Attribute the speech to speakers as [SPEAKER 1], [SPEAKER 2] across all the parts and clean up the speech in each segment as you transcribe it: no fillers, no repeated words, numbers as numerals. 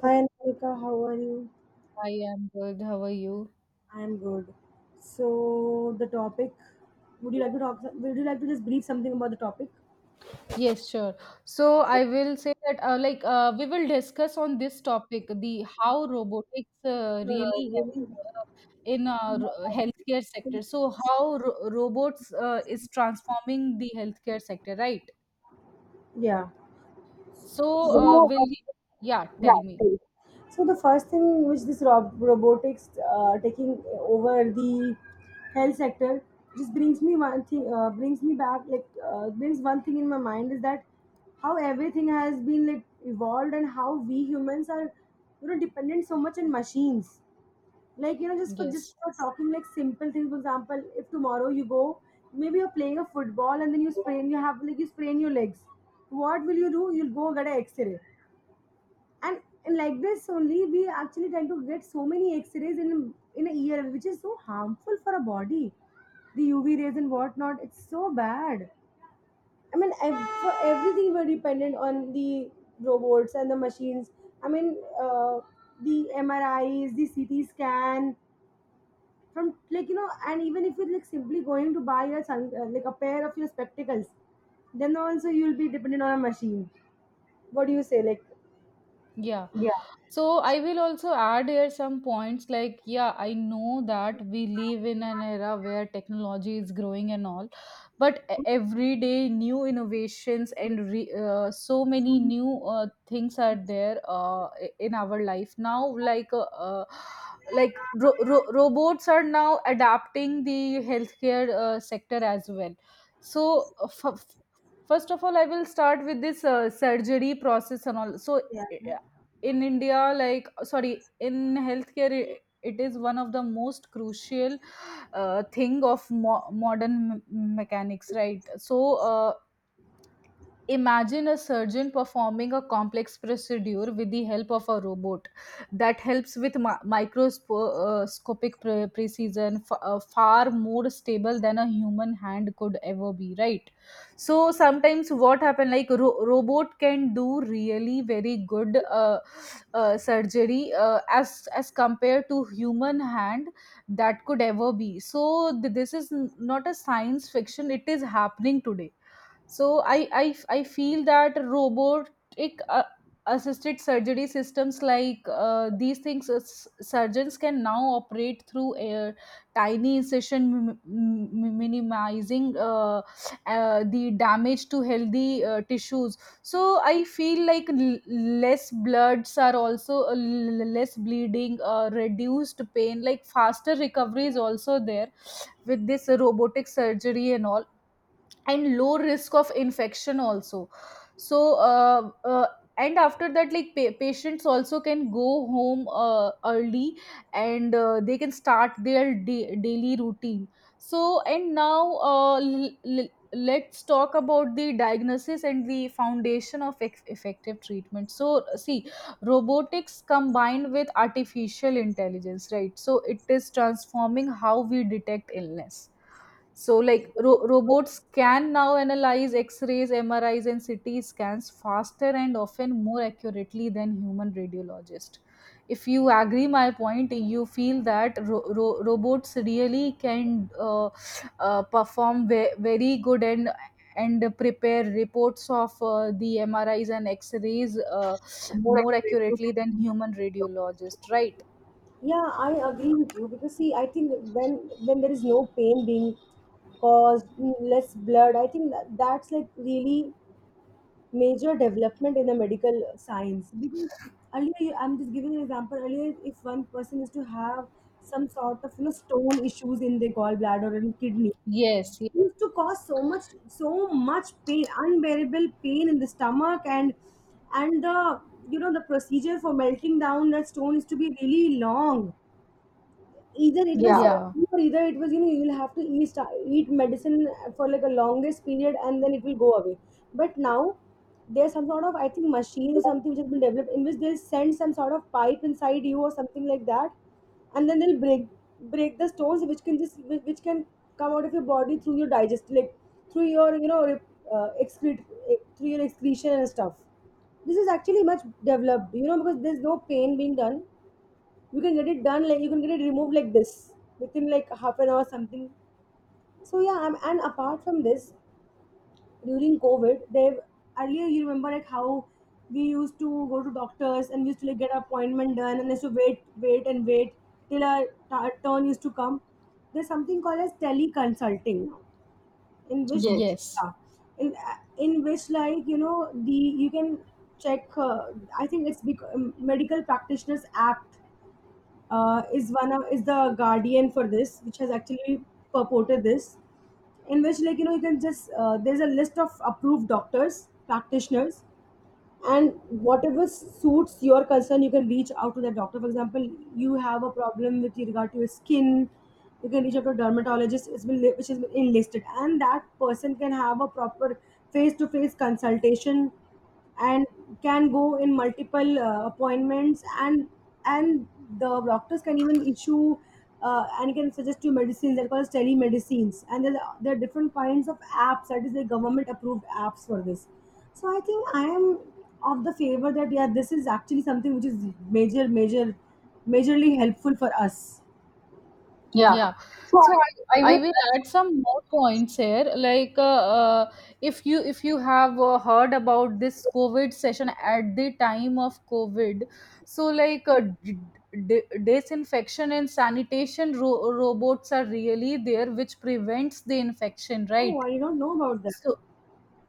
[SPEAKER 1] Hi Anika, how are you?
[SPEAKER 2] I am good. How are you?
[SPEAKER 1] I'm good. So the topic, would you like to talk? Would you like to just brief something about the topic?
[SPEAKER 2] Yes, sure. So I will say that we will discuss on this topic the how robotics
[SPEAKER 1] Yeah,
[SPEAKER 2] really help
[SPEAKER 1] really.
[SPEAKER 2] uh, in our healthcare sector. So how robots is transforming the healthcare sector, right?
[SPEAKER 1] Yeah.
[SPEAKER 2] So yeah, tell me.
[SPEAKER 1] So the first thing which this robotics taking over the health sector just brings me one thing, brings me back like brings one thing in my mind is that how everything has been like evolved and how we humans are, dependent so much on machines, like, just for just
[SPEAKER 2] Yes.
[SPEAKER 1] for talking, like, simple things. For example, if tomorrow you go, maybe you're playing a football and then you sprain, you have like you sprain your legs, what will you do? You'll go get an x-ray. And like this, only we actually tend to get so many x-rays in a year, which is so harmful for a body, the UV rays and whatnot. It's so bad. I mean, for everything we're dependent on the robots and the machines. I mean, uh, the MRIs, the CT scan, from, like. And even if you like simply going to buy a like a pair of your spectacles, then also you'll be dependent on a machine. What do you say, like?
[SPEAKER 2] Yeah. So I will also add here some points like, yeah, I know that we live in an era where technology is growing and all, but every day new innovations and re so many new things are there in our life now. Like ro ro robots are now adapting the healthcare sector as well. So first of all, I will start with this surgery process and all. So
[SPEAKER 1] Yeah, yeah.
[SPEAKER 2] in India, like sorry, in healthcare, it is one of the most crucial thing of modern mechanics, right? So uh, imagine a surgeon performing a complex procedure with the help of a robot that helps with microscopic precision, far more stable than a human hand could ever be, right? So sometimes what happen like robot can do really very good surgery as compared to human hand that could ever be. So this is not a science fiction; it is happening today. So I feel that robotic assisted surgery systems like these things surgeons can now operate through a tiny incision minimizing the damage to healthy tissues. So I feel like less bloods are also less bleeding, reduced pain, like faster recovery is also there with this robotic surgery and all, and low risk of infection also. So and after that, like patients also can go home early, and they can start their daily routine. So and now let's talk about the diagnosis and the foundation of effective treatment. So see, robotics combined with artificial intelligence, right, so it is transforming how we detect illness. So, like robots can now analyze X rays, MRIs, and CT scans faster and often more accurately than human radiologists. If you agree my point, you feel that robots really can perform very good and prepare reports of the MRIs and X rays more accurately than human radiologists, right?
[SPEAKER 1] Yeah, I agree with you because, see, I think when when there is no pain being caused, mm, less blood, I think that's like really major development in the medical science. Because earlier, I'm just giving an example. Earlier, if one person is to have some sort of, stone issues in their gallbladder and kidney,
[SPEAKER 2] Yes. Yeah.
[SPEAKER 1] used to cause so much pain, unbearable pain in the stomach, and the, the procedure for melting down that stone is to be really long. Either it was
[SPEAKER 2] Yeah.
[SPEAKER 1] surgery, or either it was, you will have to eat medicine for like a longest period, and then it will go away. But now there's some sort of, I think, machine or something which has been developed, in which they send some sort of pipe inside you or something like that, and then they'll break the stones, which can just which can come out of your body through your digest, like through your, excrete, through your excretion and stuff. This is actually much developed, because there's no pain being done. You can get it done, like you can get it removed like this within like half an hour something. So yeah, I'm. And apart from this, during COVID they've, earlier you remember like how we used to go to doctors, and we used to like get our appointment done, and used to wait till our turn used to come. There's something called as teleconsulting, in which,
[SPEAKER 2] Yes.
[SPEAKER 1] yeah, in, in which, like, the you can check, I think it's Medical Practitioners Act, is one of, is the guardian for this, which has actually purported this, in which, like, you can just there's a list of approved doctors, practitioners, and whatever suits your concern you can reach out to the doctor. For example, you have a problem with regard to your skin, you can reach out to a dermatologist. It's been which is enlisted, and that person can have a proper face-to-face consultation and can go in multiple appointments, and the doctors can even issue and can suggest you medicines, that called as telemedicines. And there are different kinds of apps, that is the government approved apps for this. So I think I am of the favor that, yeah, this is actually something which is major, major, majorly helpful for us.
[SPEAKER 2] Yeah. So I will add some more points here. If you if you have heard about this COVID session at the time of COVID, so like disinfection and sanitation robots are really there, which prevents the infection,
[SPEAKER 1] Oh,
[SPEAKER 2] right?
[SPEAKER 1] I don't know about that.
[SPEAKER 2] So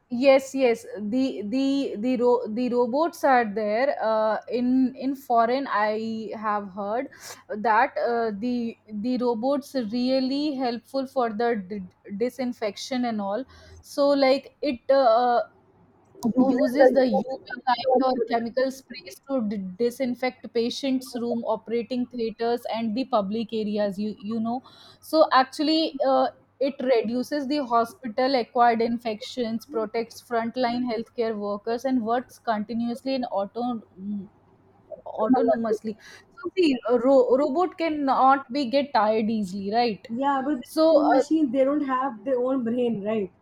[SPEAKER 2] yes, yes, the robots are there in foreign I have heard that the robots really helpful for the disinfection and all. So like it uses the UV light or chemical sprays to disinfect patients' room, operating theaters, and the public areas. You know, so actually, it reduces the hospital-acquired infections, protects frontline healthcare workers, and works continuously and autonomously. So see, a robot cannot be get tired easily, right?
[SPEAKER 1] Yeah, but
[SPEAKER 2] So
[SPEAKER 1] the machine, they don't have their own brain, right?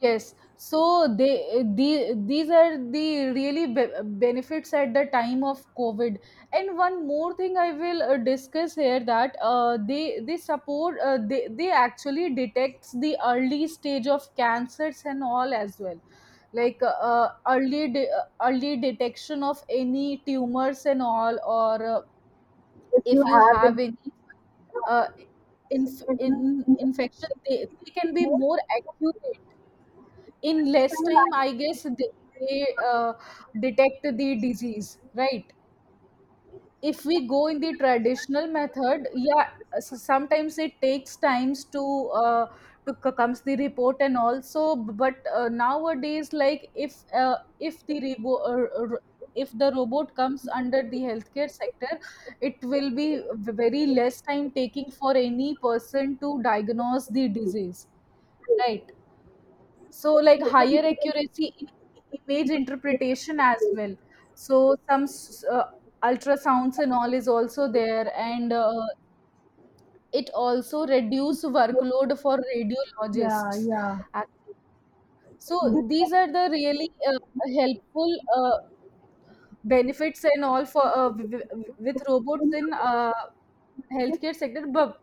[SPEAKER 2] yes, so they the these are the really benefits at the time of COVID. And one more thing I will discuss here, that they support they actually detects the early stage of cancers and all as well, like early detection of any tumors and all, or if you have any uh, in infection, they can be more accurate in less time. I guess they detect the disease, right? If we go in the traditional method, yeah, sometimes it takes times to uh, comes the report and also. But nowadays, like if if the robot comes under the healthcare sector, it will be very less time taking for any person to diagnose the disease, right? So, like higher accuracy in image interpretation as well. So, ultrasounds and all is also there, and it also reduce workload for
[SPEAKER 1] Yeah,
[SPEAKER 2] radiologists.
[SPEAKER 1] yeah.
[SPEAKER 2] Ac- So, these are the really helpful uh, benefits and all for with robots in healthcare sector. but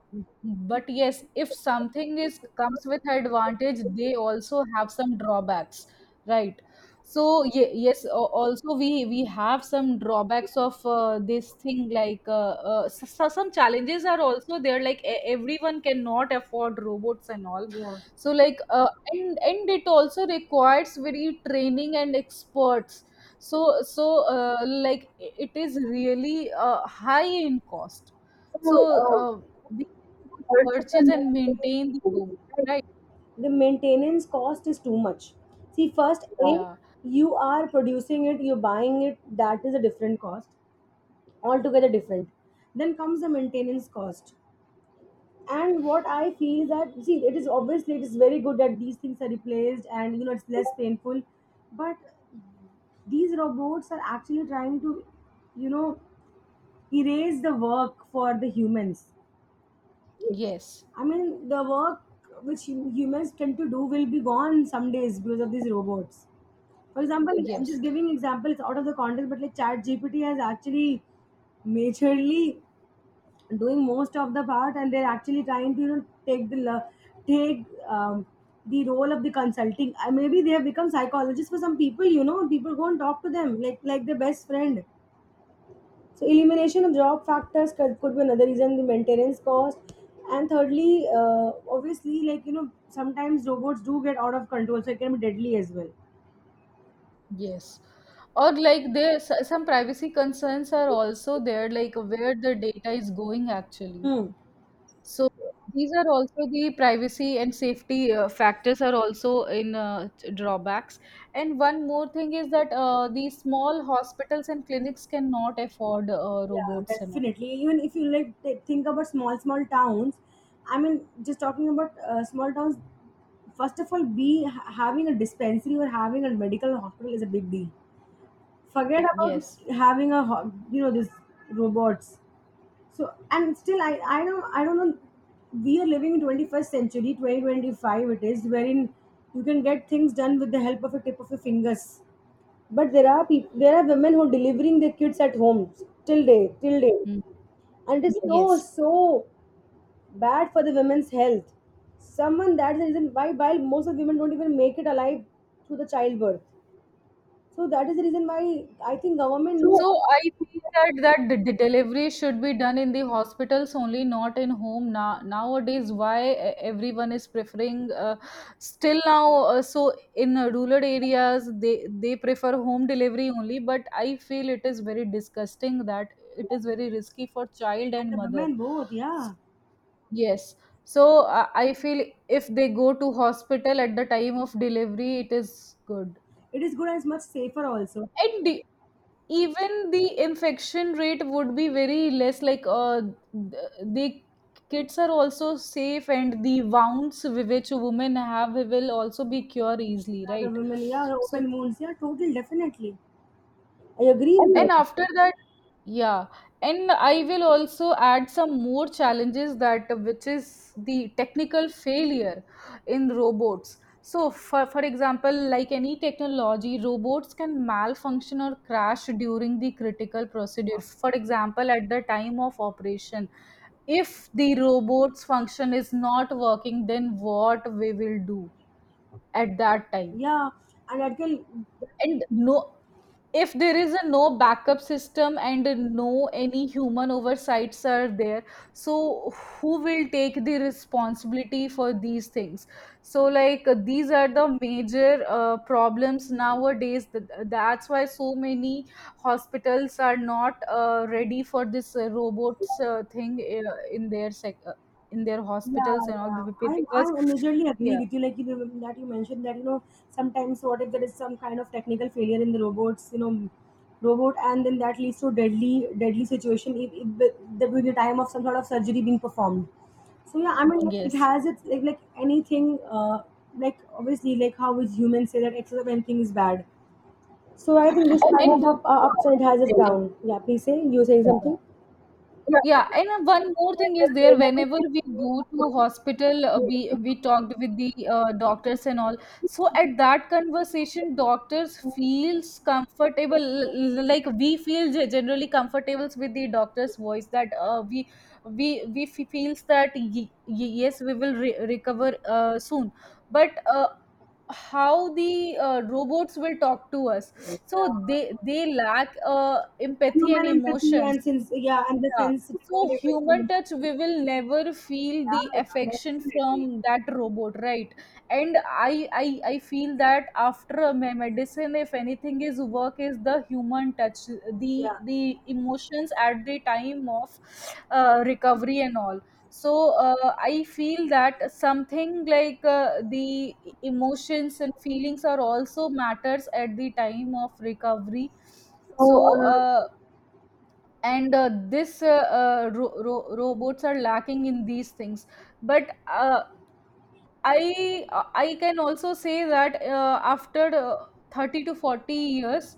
[SPEAKER 2] but yes, if something is comes with advantage, they also have some drawbacks, right? So yes, also we have some drawbacks of this thing. Like so some challenges are also there, like everyone cannot afford robots and all.
[SPEAKER 1] yeah.
[SPEAKER 2] So like and it also requires very training and experts. So so like it is really high in cost. So, we cannot purchase and maintain the clothes, right?
[SPEAKER 1] The maintenance cost is too much. See, first, yeah,
[SPEAKER 2] Yeah,
[SPEAKER 1] a, you are producing it, you're buying it, that is a different cost, altogether different. Then comes the maintenance cost. And what I feel is that, see, it is obviously, it is very good that these things are replaced, and, it's less painful. But these robots are actually trying to, you know erase the work for the humans.
[SPEAKER 2] yes,
[SPEAKER 1] I mean the work which humans tend to do will be gone some days because of these robots. For example, I'm just
[SPEAKER 2] yes,
[SPEAKER 1] giving example. It's out of the context, but like Chat GPT has actually majorly doing most of the part, and they're actually trying to, take the take the role of the consulting. Maybe they have become psychologists for some people. You know, people go and talk to them like their best friend. So elimination of job factors could be another reason. The maintenance cost, and thirdly, obviously, like, sometimes robots do get out of control, so it can be deadly as well.
[SPEAKER 2] yes. Or like there's some privacy concerns are also there, like where the data is going actually.
[SPEAKER 1] Hmm.
[SPEAKER 2] So these are also the privacy and safety factors are also in drawbacks. And one more thing is that the small hospitals and clinics cannot afford
[SPEAKER 1] Yeah,
[SPEAKER 2] robots and all.
[SPEAKER 1] definitely. Even if you like think about small towns, I mean, just talking about small towns. First of all, having a dispensary or having a medical hospital is a big deal. Forget about
[SPEAKER 2] Yes.
[SPEAKER 1] having a these robots. So and still, I know, I don't know. We are living in 21st century, 2025. It is wherein you can get things done with the help of a tip of your fingers. But there are people, there are women who are delivering their kids at home till day
[SPEAKER 2] Mm,
[SPEAKER 1] and it's so
[SPEAKER 2] yes.
[SPEAKER 1] so bad for the women's health. Someone, that's the reason why, while most of women don't even make it alive through the childbirth. So that is the reason why I think government. True.
[SPEAKER 2] So I feel that the delivery should be done in the hospitals only, not in home. Now nowadays, why everyone is preferring still now? So in rural areas, they prefer home delivery only. But I feel it is very disgusting that it is very risky for child
[SPEAKER 1] And
[SPEAKER 2] and
[SPEAKER 1] the
[SPEAKER 2] mother.
[SPEAKER 1] women both, yeah.
[SPEAKER 2] Yes. So I feel if they go to hospital at the time of delivery, it is good.
[SPEAKER 1] It is good, and it's much safer also.
[SPEAKER 2] And do, even the infection rate would be very less, like the kids are also safe and the wounds which women have will also be cured easily,
[SPEAKER 1] Yeah, the
[SPEAKER 2] right?
[SPEAKER 1] women, yeah, the
[SPEAKER 2] So
[SPEAKER 1] open wounds, yeah, total, definitely. I agree And
[SPEAKER 2] and
[SPEAKER 1] with you.
[SPEAKER 2] after that, yeah, and I will also add some more challenges, that which is the technical failure in robots. So, for example, like any technology, robots can malfunction or crash during the critical procedure. For example, at the time of operation, if the robot's function is not working, then what we will do at that
[SPEAKER 1] Agree,
[SPEAKER 2] time?
[SPEAKER 1] yeah. And that can,
[SPEAKER 2] And no, if there is a no backup system and no any human oversights are there, so who will take the responsibility for these things? So, like, these are the major problems nowadays. That's why so many hospitals are not ready for this robots thing in their
[SPEAKER 1] yeah,
[SPEAKER 2] hospitals and all
[SPEAKER 1] yeah. I I
[SPEAKER 2] because
[SPEAKER 1] majorly agree
[SPEAKER 2] yeah,
[SPEAKER 1] with you. Like, that you mentioned that, sometimes what if there is some kind of technical failure in the robots, robot, and then that leads to deadly situation if the, during the time of some sort of surgery being performed. So yeah, I mean it
[SPEAKER 2] yes.
[SPEAKER 1] has its, like anything. Like obviously, like how we humans say that excess of anything is bad. So I think this kind of
[SPEAKER 2] and wo-
[SPEAKER 1] up
[SPEAKER 2] yeah,
[SPEAKER 1] ups has its
[SPEAKER 2] tell-
[SPEAKER 1] down. Yeah, please say, you saying
[SPEAKER 2] yeah.
[SPEAKER 1] something.
[SPEAKER 2] Yeah, and one more thing is there. Whenever we go to hospital, we talked with the doctors and all. So at that conversation, doctors feels comfortable, like we feel generally comfortable with the doctor's voice. That feels that yes, we will re recover soon. But how the robots will talk to us, so they lack empathy and
[SPEAKER 1] Human empathy
[SPEAKER 2] emotion.
[SPEAKER 1] and since, yeah, and the
[SPEAKER 2] Yeah. So
[SPEAKER 1] sensitivity of
[SPEAKER 2] human
[SPEAKER 1] information.
[SPEAKER 2] touch, we will never feel the
[SPEAKER 1] Yeah, yeah,
[SPEAKER 2] affection
[SPEAKER 1] definitely.
[SPEAKER 2] from that robot, right? And I feel that after a medicine, if anything is work, is the human touch,
[SPEAKER 1] Yeah.
[SPEAKER 2] the emotions at the time of recovery and all. So I feel that something like the emotions and feelings are also matters at the time of recovery.
[SPEAKER 1] So
[SPEAKER 2] So
[SPEAKER 1] uh,
[SPEAKER 2] and this ro- ro- robots are lacking in these things. But I I can also say that after 30 to 40 years,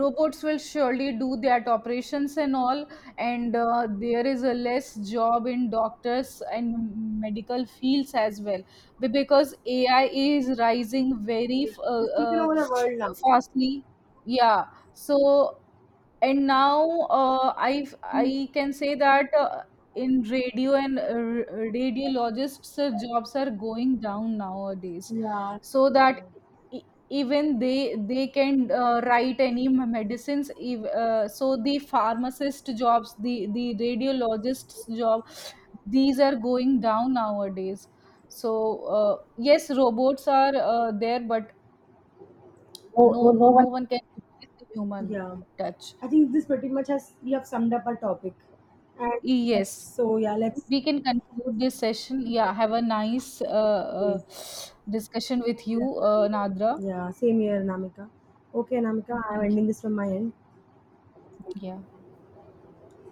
[SPEAKER 2] robots will surely do their operations and all, and there is a less job in doctors and medical fields as well. Because AI is rising very
[SPEAKER 1] yeah, it's taken over the world now.
[SPEAKER 2] fastly. Yeah. So and now I I can say that in radiologists jobs are going down nowadays.
[SPEAKER 1] Yeah,
[SPEAKER 2] So that e- even they can write any medicines so the pharmacist jobs, the radiologists job, these are going down nowadays. So uh, yes, robots are there, but no, no, no one can replace the human
[SPEAKER 1] yeah.
[SPEAKER 2] touch.
[SPEAKER 1] I think this pretty much has we have summed up our topic. And yes.
[SPEAKER 2] Yes,
[SPEAKER 1] So yeah, let's.
[SPEAKER 2] we can conclude this session. Yeah, have a nice
[SPEAKER 1] Yeah,
[SPEAKER 2] discussion with you, Nadra.
[SPEAKER 1] yeah, same here, Namika. Okay, Namika, I'm
[SPEAKER 2] Thank you.
[SPEAKER 1] ending this from my end.
[SPEAKER 2] Yeah.